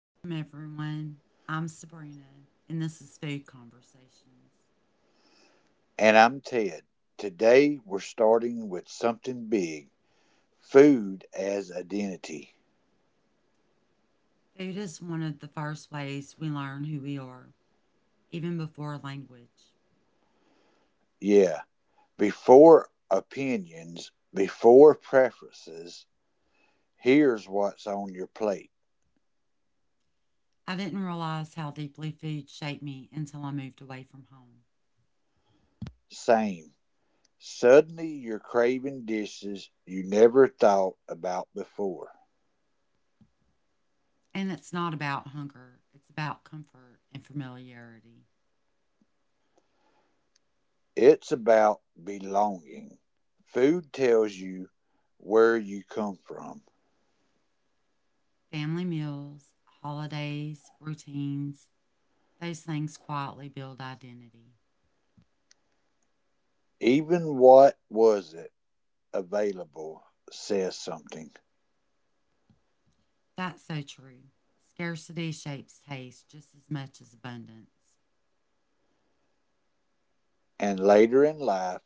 Welcome, everyone. I'm Sabrina, and this is Food Conversations. And I'm Ted. Today we're starting with something big, food as identity. Food is one of the first ways we learn who we are, even before language. Yeah, before opinions, before preferences, here's what's on your plate. I didn't realize how deeply food shaped me until I moved away from home. Same. Suddenly you're craving dishes you never thought about before. And it's not about hunger, it's about comfort and familiarity. It's about belonging. Food tells you where you come from. Family meals, holidays, routines, those things quietly build identity. Even what wasn't available says something. That's so true. Scarcity shapes taste just as much as abundance, And later in life,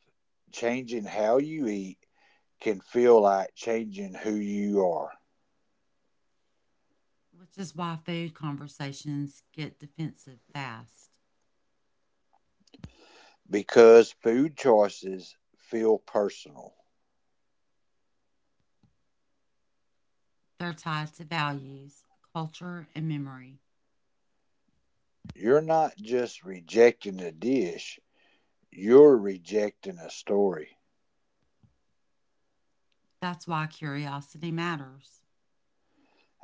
changing how you eat can feel like changing who you are which is why food conversations get defensive fast. because food choices feel personal. They're tied to values, culture, and memory. You're not just rejecting a dish, you're rejecting a story. That's why curiosity matters.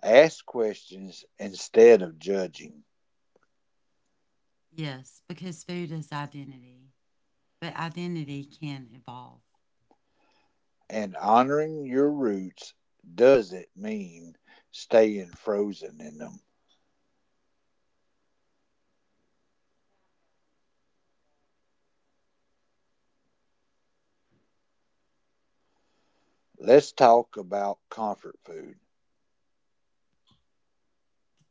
Ask questions instead of judging, Yes, because food is identity, but identity can evolve. and honoring your roots doesn't mean staying frozen in them. Let's talk about comfort food.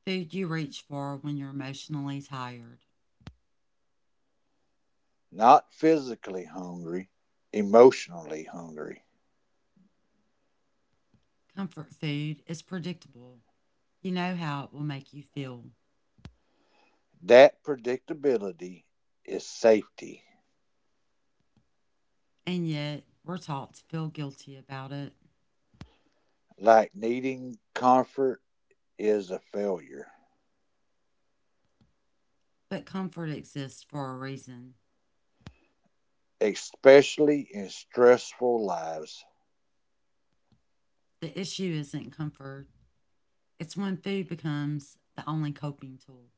The food you reach for when you're emotionally tired. Not physically hungry, emotionally hungry. Comfort food is predictable. You know how it will make you feel, That predictability is safety. and yet we're taught to feel guilty about it. Like needing comfort is a failure, But comfort exists for a reason. especially in stressful lives. The issue isn't comfort, it's when food becomes the only coping tool.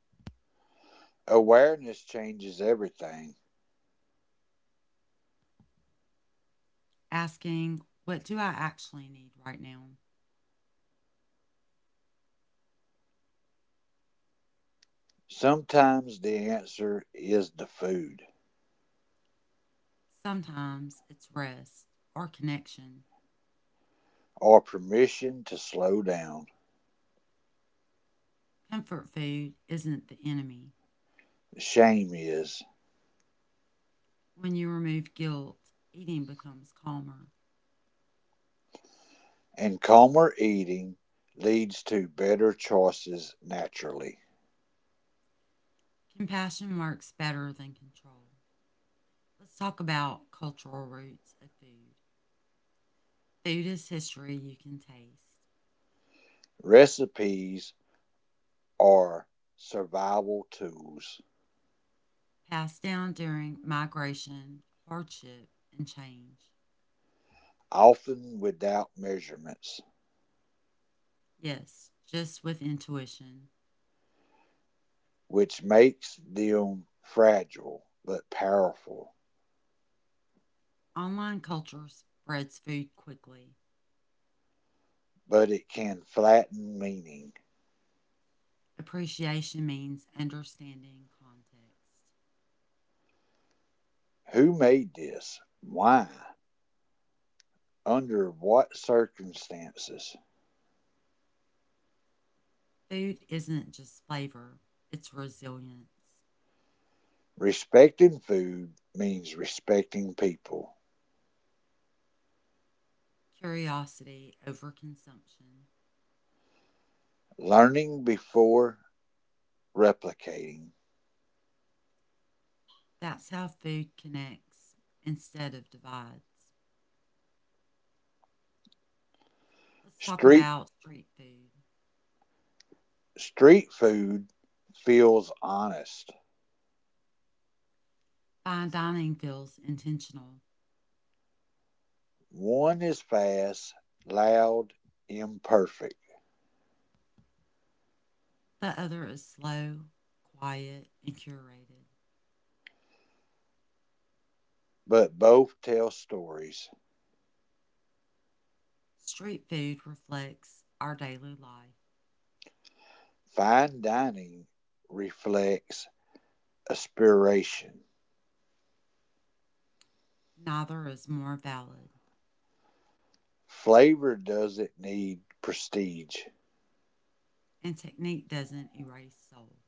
Awareness changes everything. Asking, what do I actually need right now? Sometimes the answer is the food Sometimes it's rest or connection. or permission to slow down. Comfort food isn't the enemy. Shame is. When you remove guilt, eating becomes calmer. And calmer eating leads to better choices naturally. Compassion works better than control. Let's talk about cultural roots of food. Food is history you can taste, Recipes are survival tools, passed down during migration, hardship, and change. often without measurements, Yes, just with intuition. which makes them fragile but powerful. Online culture spreads food quickly. But it can flatten meaning. Appreciation means understanding context. Who made this? Why? Under what circumstances? Food isn't just flavor, it's resilience, Respecting food means respecting people. curiosity over consumption. Learning before replicating. That's how food connects instead of divides. Let's talk Street about street food. street food feels honest. Fine dining feels intentional, One is fast, loud, imperfect, the other is slow, quiet, and curated. but both tell stories. Street food reflects our daily life. Fine dining reflects aspiration. Neither is more valid. Flavor doesn't need prestige. And technique doesn't erase soul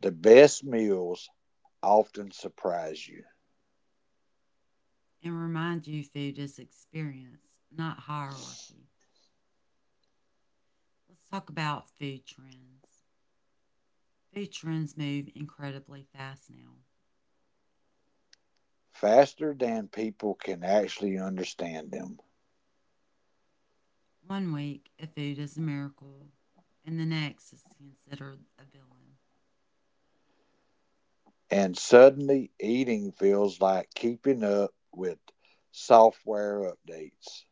The best meals often surprise you and remind you food is experience, not hierarchy. Let's talk about food trends. Food trends move incredibly fast now. faster than people can actually understand them. One week, a food is a miracle, and the next is considered a villain. And suddenly eating feels like keeping up with software updates.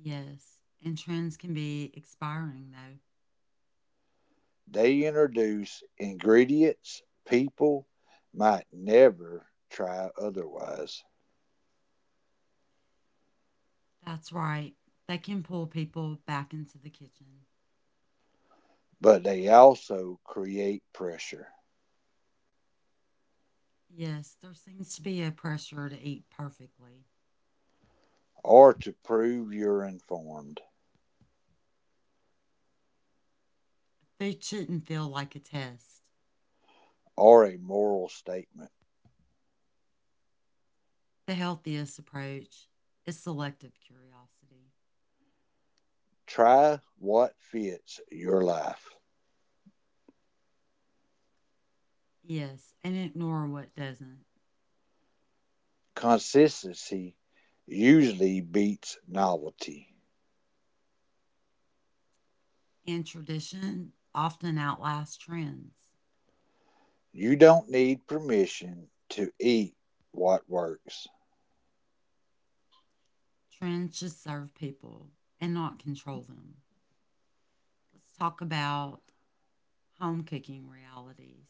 Yes, and trends can be expiring though. They introduce ingredients people might never try otherwise, That's right, they can pull people back into the kitchen. but they also create pressure, Yes, there seems to be a pressure to eat perfectly. or to prove you're informed, Food shouldn't feel like a test. or a moral statement. The healthiest approach is selective curiosity. Try what fits your life. Yes, and ignore what doesn't. Consistency usually beats novelty. And tradition often outlasts trends. You don't need permission to eat what works. Trends should serve people and not control them. Let's talk about home cooking realities.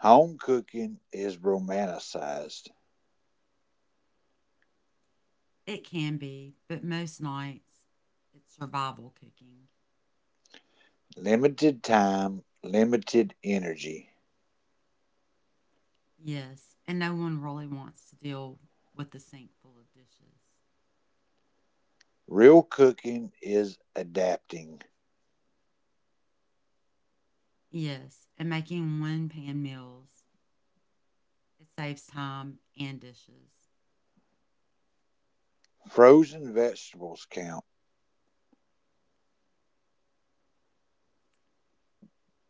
Home cooking is romanticized. It can be, but most nights it's survival cooking. Limited time, limited energy. Yes, and no one really wants to deal with the sink full of dishes. Real cooking is adapting. Yes, and making one pan meals. It saves time and dishes. Frozen vegetables count.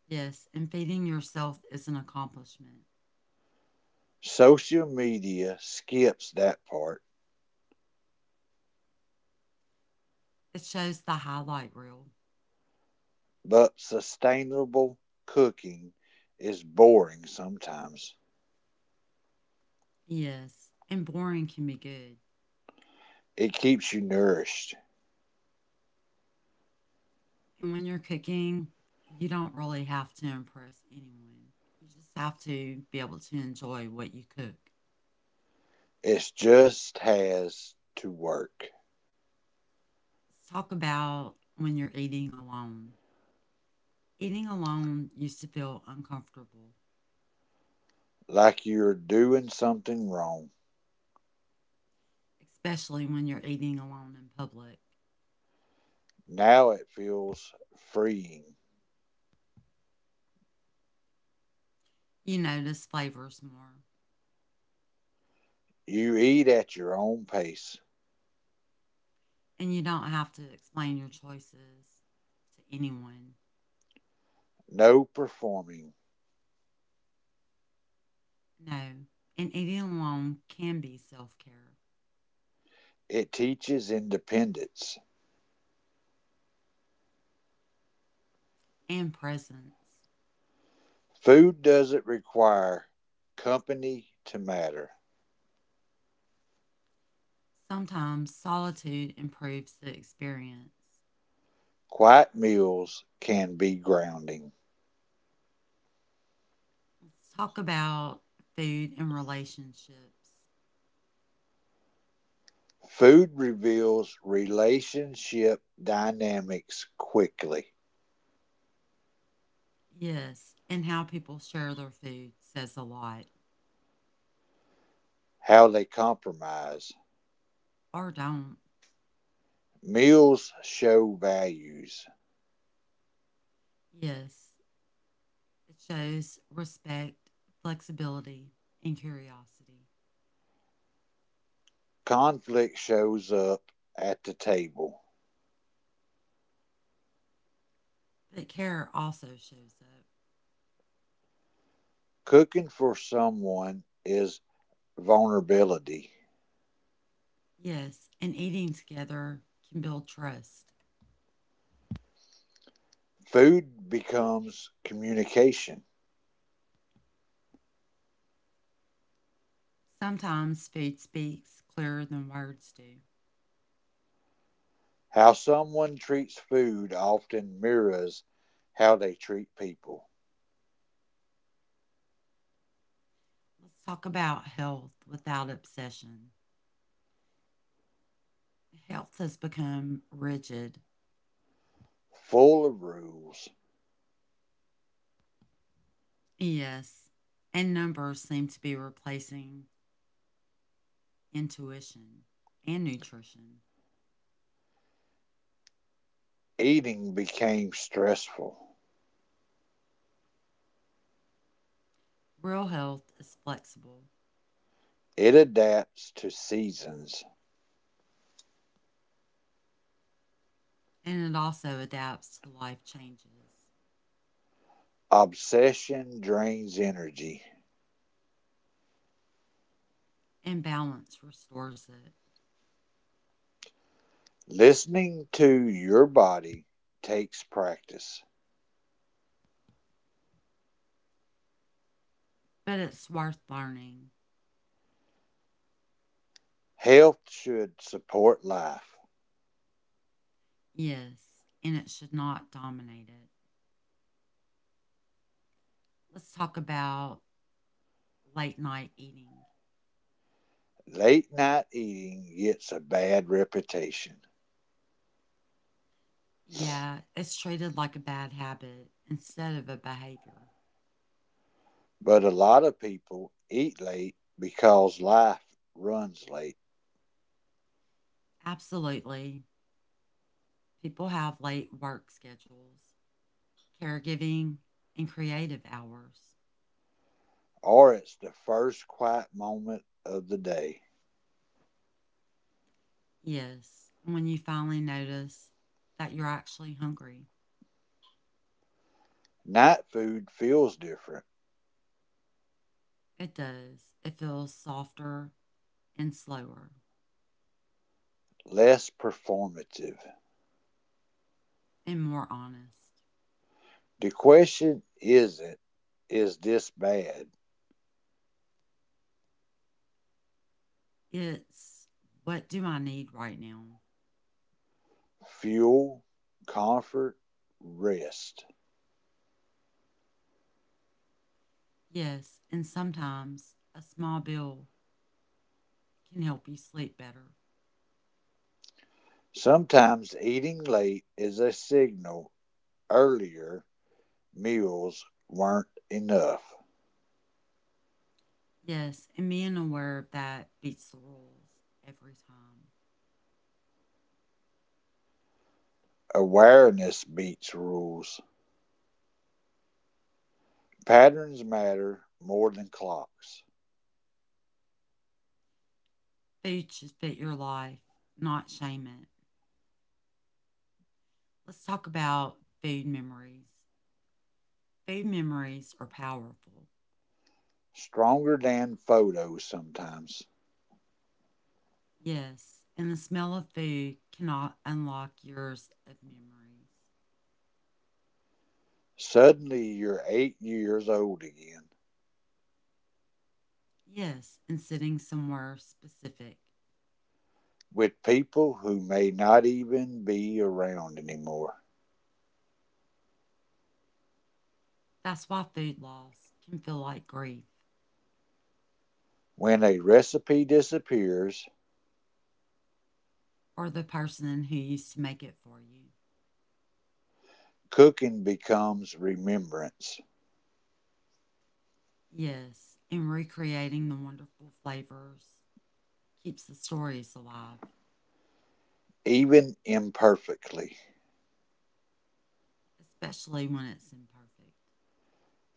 Yes, and feeding yourself is an accomplishment. Social media skips that part, It shows the highlight reel. but sustainable cooking is boring sometimes. Yes, and boring can be good. It keeps you nourished. And when you're cooking, you don't really have to impress anyone. You just have to be able to enjoy what you cook. It just has to work. Let's talk about when you're eating alone. Eating alone used to feel uncomfortable, Like you're doing something wrong. especially when you're eating alone in public. Now it feels freeing. You notice flavors more. You eat at your own pace. And you don't have to explain your choices to anyone. No performing. No, and eating alone can be self care It teaches independence. and presence. Food doesn't require company to matter. Sometimes solitude improves the experience. Quiet meals can be grounding. Let's talk about food and relationships. Food reveals relationship dynamics quickly, Yes, and how people share their food says a lot, how they compromise. or don't. Meals show values. Yes, it shows respect, flexibility, and curiosity. Conflict shows up at the table. But care also shows up. Cooking for someone is vulnerability. Yes, and eating together can build trust. Food becomes communication. Sometimes food speaks clearer than words do. How someone treats food often mirrors how they treat people. Let's talk about health without obsession. Health has become rigid. Full of rules, Yes, and numbers seem to be replacing intuition and nutrition. eating became stressful. Real health is flexible, It adapts to seasons. and it also adapts to life changes, Obsession drains energy. and balance restores it. Listening to your body takes practice. But it's worth learning. Health should support life. Yes, and it should not dominate it. Let's talk about late night eating. Late night eating gets a bad reputation, Yeah, it's treated like a bad habit instead of a behavior. but a lot of people eat late because life runs late. Absolutely. People have late work schedules, caregiving, and creative hours. Or it's the first quiet moment of the day. Yes, when you finally notice that you're actually hungry, Night food feels different, it does. It feels softer and slower less performative. and more honest. The question isn't, is this bad? It's what do I need right now? Fuel, comfort, rest. Yes, and sometimes a small bill can help you sleep better. Sometimes eating late is a signal earlier meals weren't enough. Yes, and being aware of that beats the rules every time. Awareness beats rules. Patterns matter more than clocks, Food should fit your life, not shame it. Let's talk about food memories. Food memories are powerful. stronger than photos sometimes. Yes, and the smell of food cannot unlock years of memories. Suddenly you're 8 years old again, Yes, and sitting somewhere specific. with people who may not even be around anymore. That's why food loss can feel like grief, When a recipe disappears, or the person who used to make it for you. cooking becomes remembrance, Yes, and recreating the wonderful flavors keeps the stories alive, even imperfectly. especially when it's imperfect.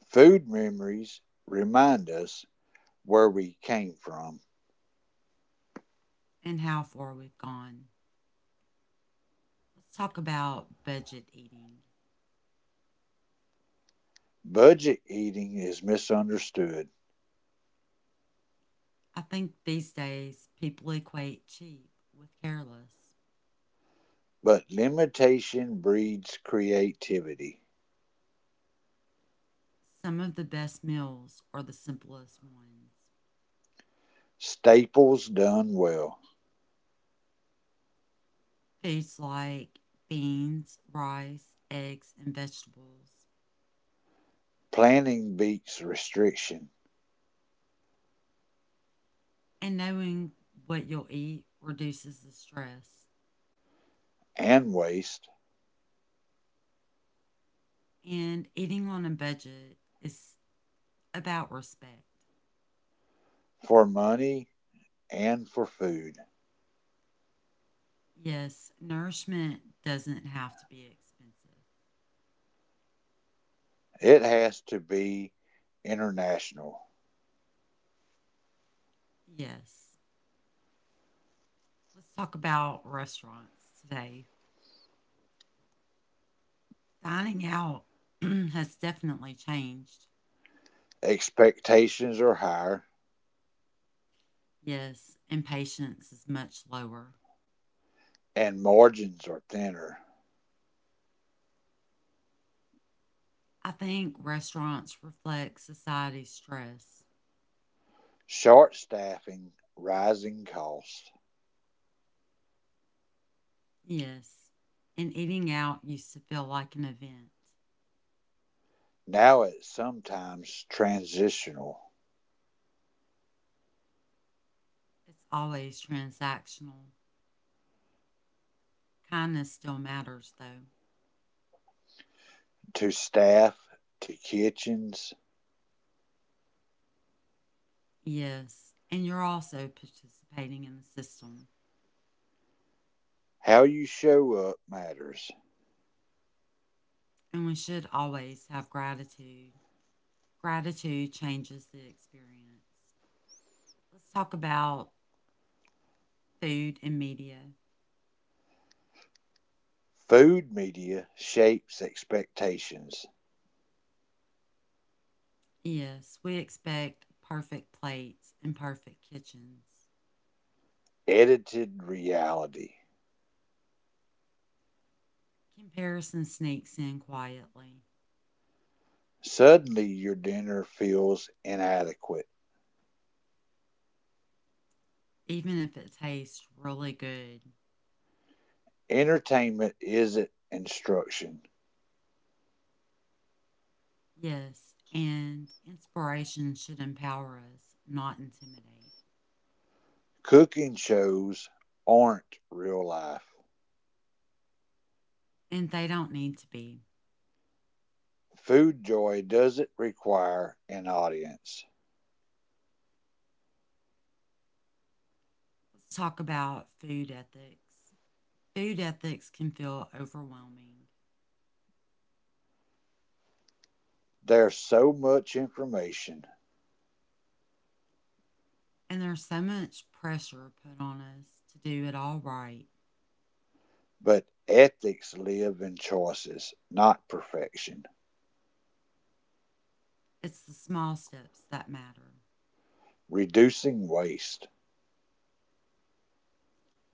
Food memories remind us where we came from. And how far we've gone. Let's talk about budget eating. Budget eating is misunderstood, I think these days people equate cheap with careless. but limitation breeds creativity. Some of the best meals are the simplest ones. Staples done well. Foods like beans, rice, eggs, and vegetables. Planning beats restriction. And knowing what you'll eat reduces the stress. And waste And eating on a budget is about respect. for money and for food. Yes, nourishment doesn't have to be expensive. It has to be international. Yes. Let's talk about restaurants today. Dining out has definitely changed. Expectations are higher Yes, and patience is much lower. and margins are thinner. I think restaurants reflect society's stress. Short staffing, rising costs. Yes, and eating out used to feel like an event. Now it's sometimes transitional It's always transactional. Kindness still matters, though. to staff, to kitchens. Yes, and you're also participating in the system. How you show up matters. And we should always have gratitude. Gratitude changes the experience. Let's talk about food and media. Food media shapes expectations, Yes, we expect perfect plates and perfect kitchens. edited reality. Comparison sneaks in quietly, Suddenly your dinner feels inadequate. even if it tastes really good. Entertainment isn't instruction. Yes, and inspiration should empower us, not intimidate. Cooking shows aren't real life. And they don't need to be. Food joy doesn't require an audience. Let's talk about food ethics. Food ethics can feel overwhelming, There's so much information, and there's so much pressure put on us to do it all right. but ethics live in choices, not perfection. It's the small steps that matter. Reducing waste,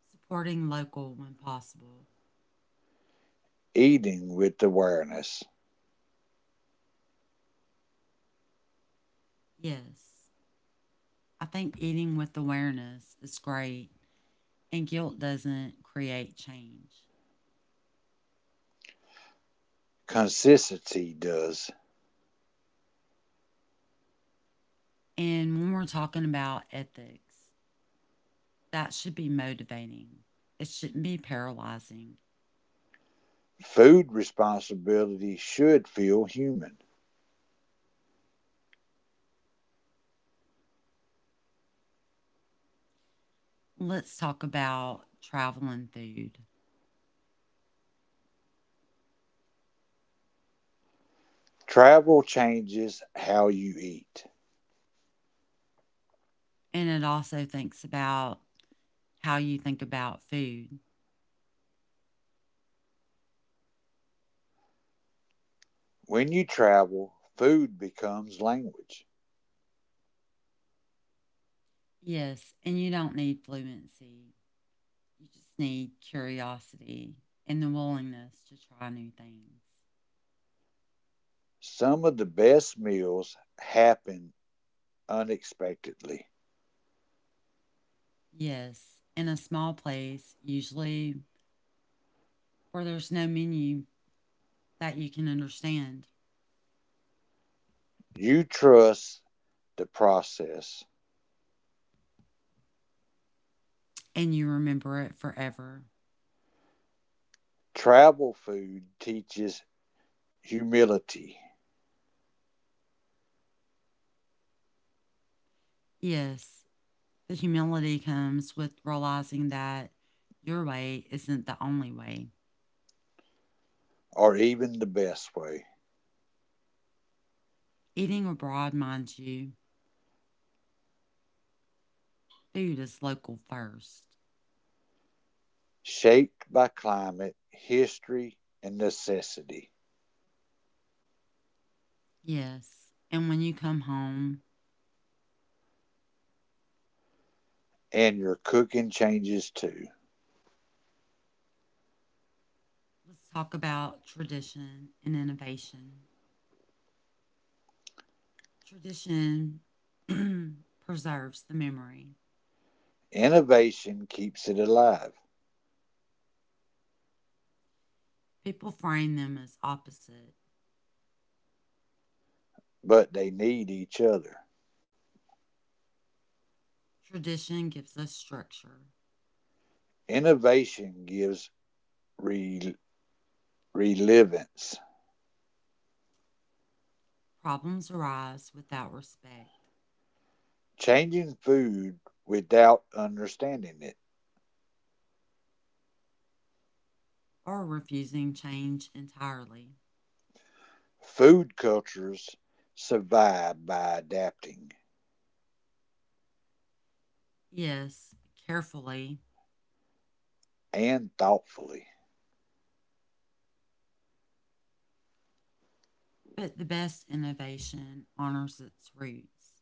Supporting local when possible. eating with awareness, Yes, I think eating with awareness is great, and guilt doesn't create change. consistency does. And when we're talking about ethics, that should be motivating, it shouldn't be paralyzing. Food responsibility should feel human. Let's talk about travel and food. Travel changes how you eat. And it also thinks about how you think about food. When you travel, food becomes language. Yes, and you don't need fluency. You just need curiosity and the willingness to try new things. Some of the best meals happen unexpectedly. Yes, in a small place, usually where there's no menu that you can understand, You trust the process. and you remember it forever. Travel food teaches humility, Yes, the humility comes with realizing that your way isn't the only way. or even the best way, Eating abroad, mind you, food is local first. shaped by climate, history, and necessity. Yes. And when you come home, And your cooking changes too. let's talk about tradition and innovation. Tradition preserves the memory. Innovation keeps it alive, People frame them as opposite. but they need each other. Tradition gives us structure. Innovation gives re- relevance, Problems arise without respect changing food without understanding it. or refusing change entirely. Food cultures survive by adapting Yes, carefully, and thoughtfully. but the best innovation honors its roots.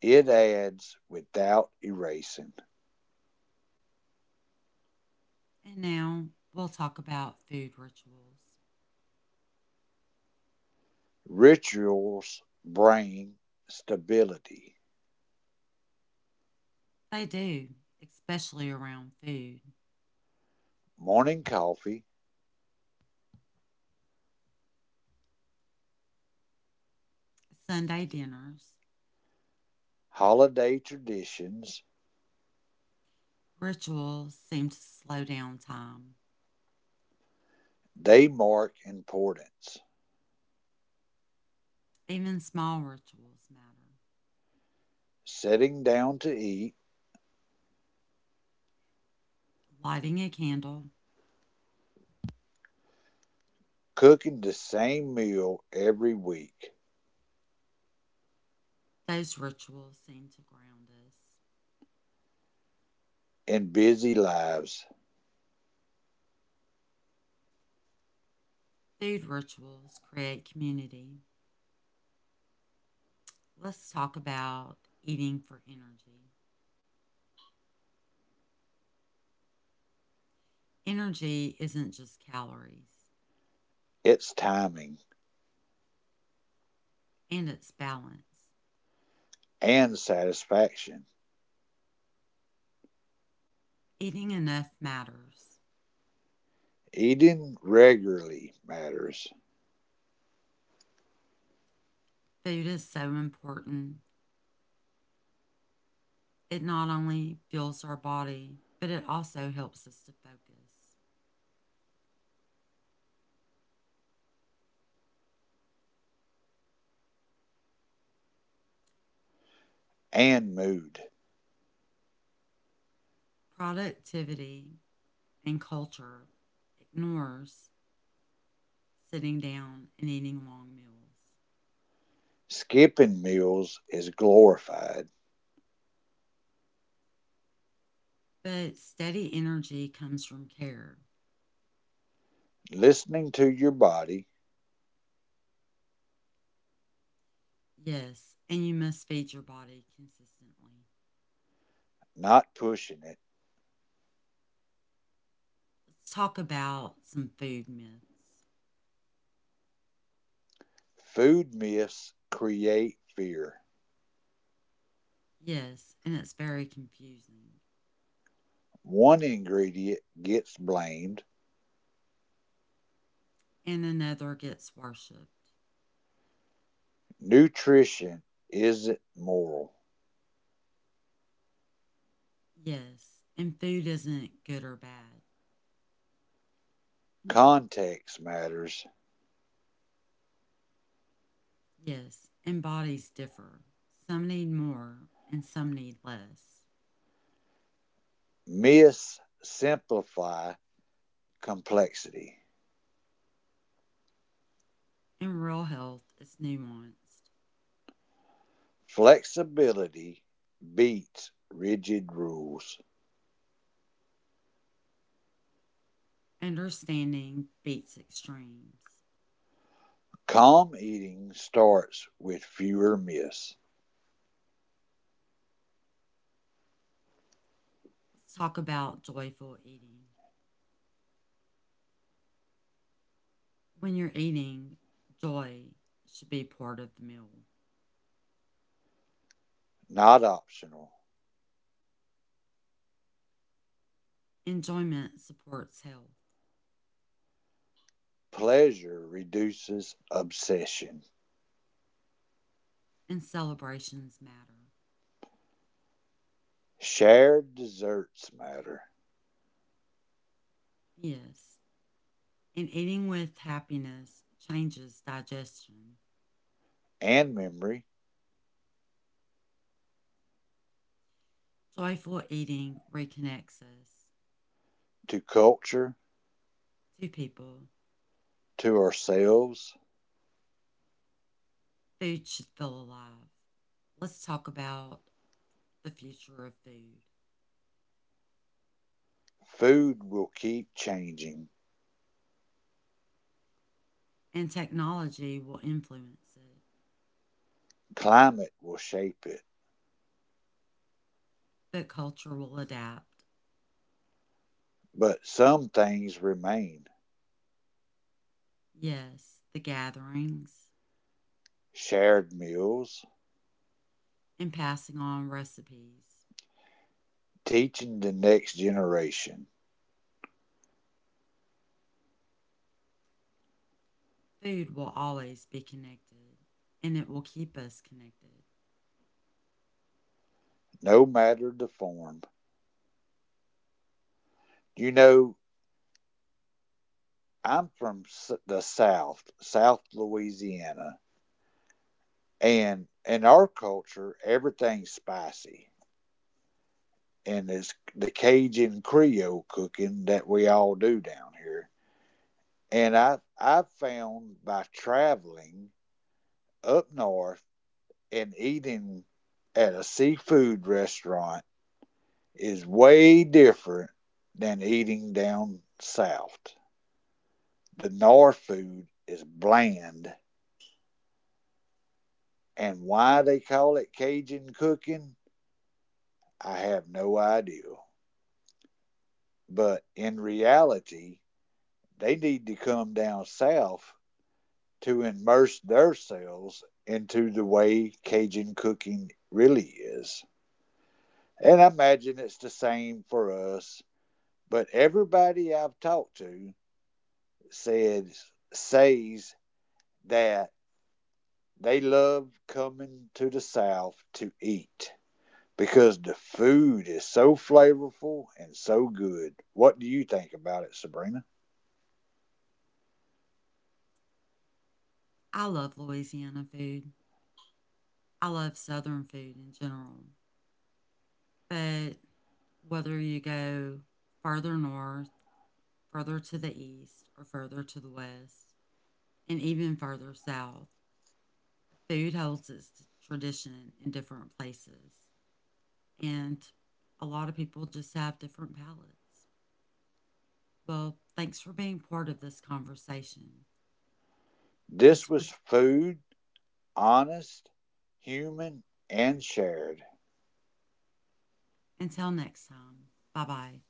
It adds without erasing. And now we'll talk about food rituals. Rituals bring stability. They do, especially around food. Morning coffee, Sunday dinners, holiday traditions, rituals seem to slow down time. they mark importance. Even small rituals matter. Sitting down to eat, Lighting a candle, cooking the same meal every week. those rituals seem to ground us. In busy lives, Food rituals create community. Let's talk about eating for energy. Energy isn't just calories, its timing and it's balance. and satisfaction. Eating enough matters. Eating regularly matters Food is so important, it not only fuels our body, but it also helps us to focus. and mood. Productivity and culture ignores sitting down and eating long meals. Skipping meals is glorified. But steady energy comes from care. Listening to your body, Yes, and you must feed your body consistently. not pushing it. Let's talk about some food myths. Food myths create fear. Yes, and it's very confusing. One ingredient gets blamed. And another gets worshipped. Nutrition isn't moral. Yes, and food isn't good or bad. Context matters. Yes, and bodies differ. Some need more and some need less. Myths simplify complexity. In real health, it's nuanced. Flexibility beats rigid rules. Understanding beats extremes. Calm eating starts with fewer myths, Let's talk about joyful eating. When you're eating, joy should be part of the meal. not optional. Enjoyment supports health, Pleasure reduces obsession. and celebrations matter. Shared desserts matter, Yes, and eating with happiness changes digestion. and memory Joyful eating reconnects us to culture, to people. to ourselves. Food should feel alive. Let's talk about the future of food. Food will keep changing, And technology will influence it, climate will shape it, but culture will adapt. but some things remain. Yes, the gatherings Shared meals, and passing on recipes. teaching the next generation, Food will always be connected, and it will keep us connected. no matter the form. You know, I'm from the South, South Louisiana, and in our culture, everything's spicy. And it's the Cajun Creole cooking that we all do down here. And I've found by traveling up north and eating at a seafood restaurant is way different than eating down south. The north food is bland. And why they call it Cajun cooking, I have no idea. But in reality, they need to come down south to immerse themselves into the way Cajun cooking really is. And I imagine it's the same for us. But everybody I've talked to says says that they love coming to the South to eat, because the food is so flavorful and so good. What do you think about it, Sabrina? I love Louisiana food. I love Southern food in general. But whether you go further north, further to the east, or further to the west, and even further south. Food holds its tradition in different places, and a lot of people just have different palates. Well, thanks for being part of this conversation. This This was was food, honest, human, and shared. until next time. Bye bye.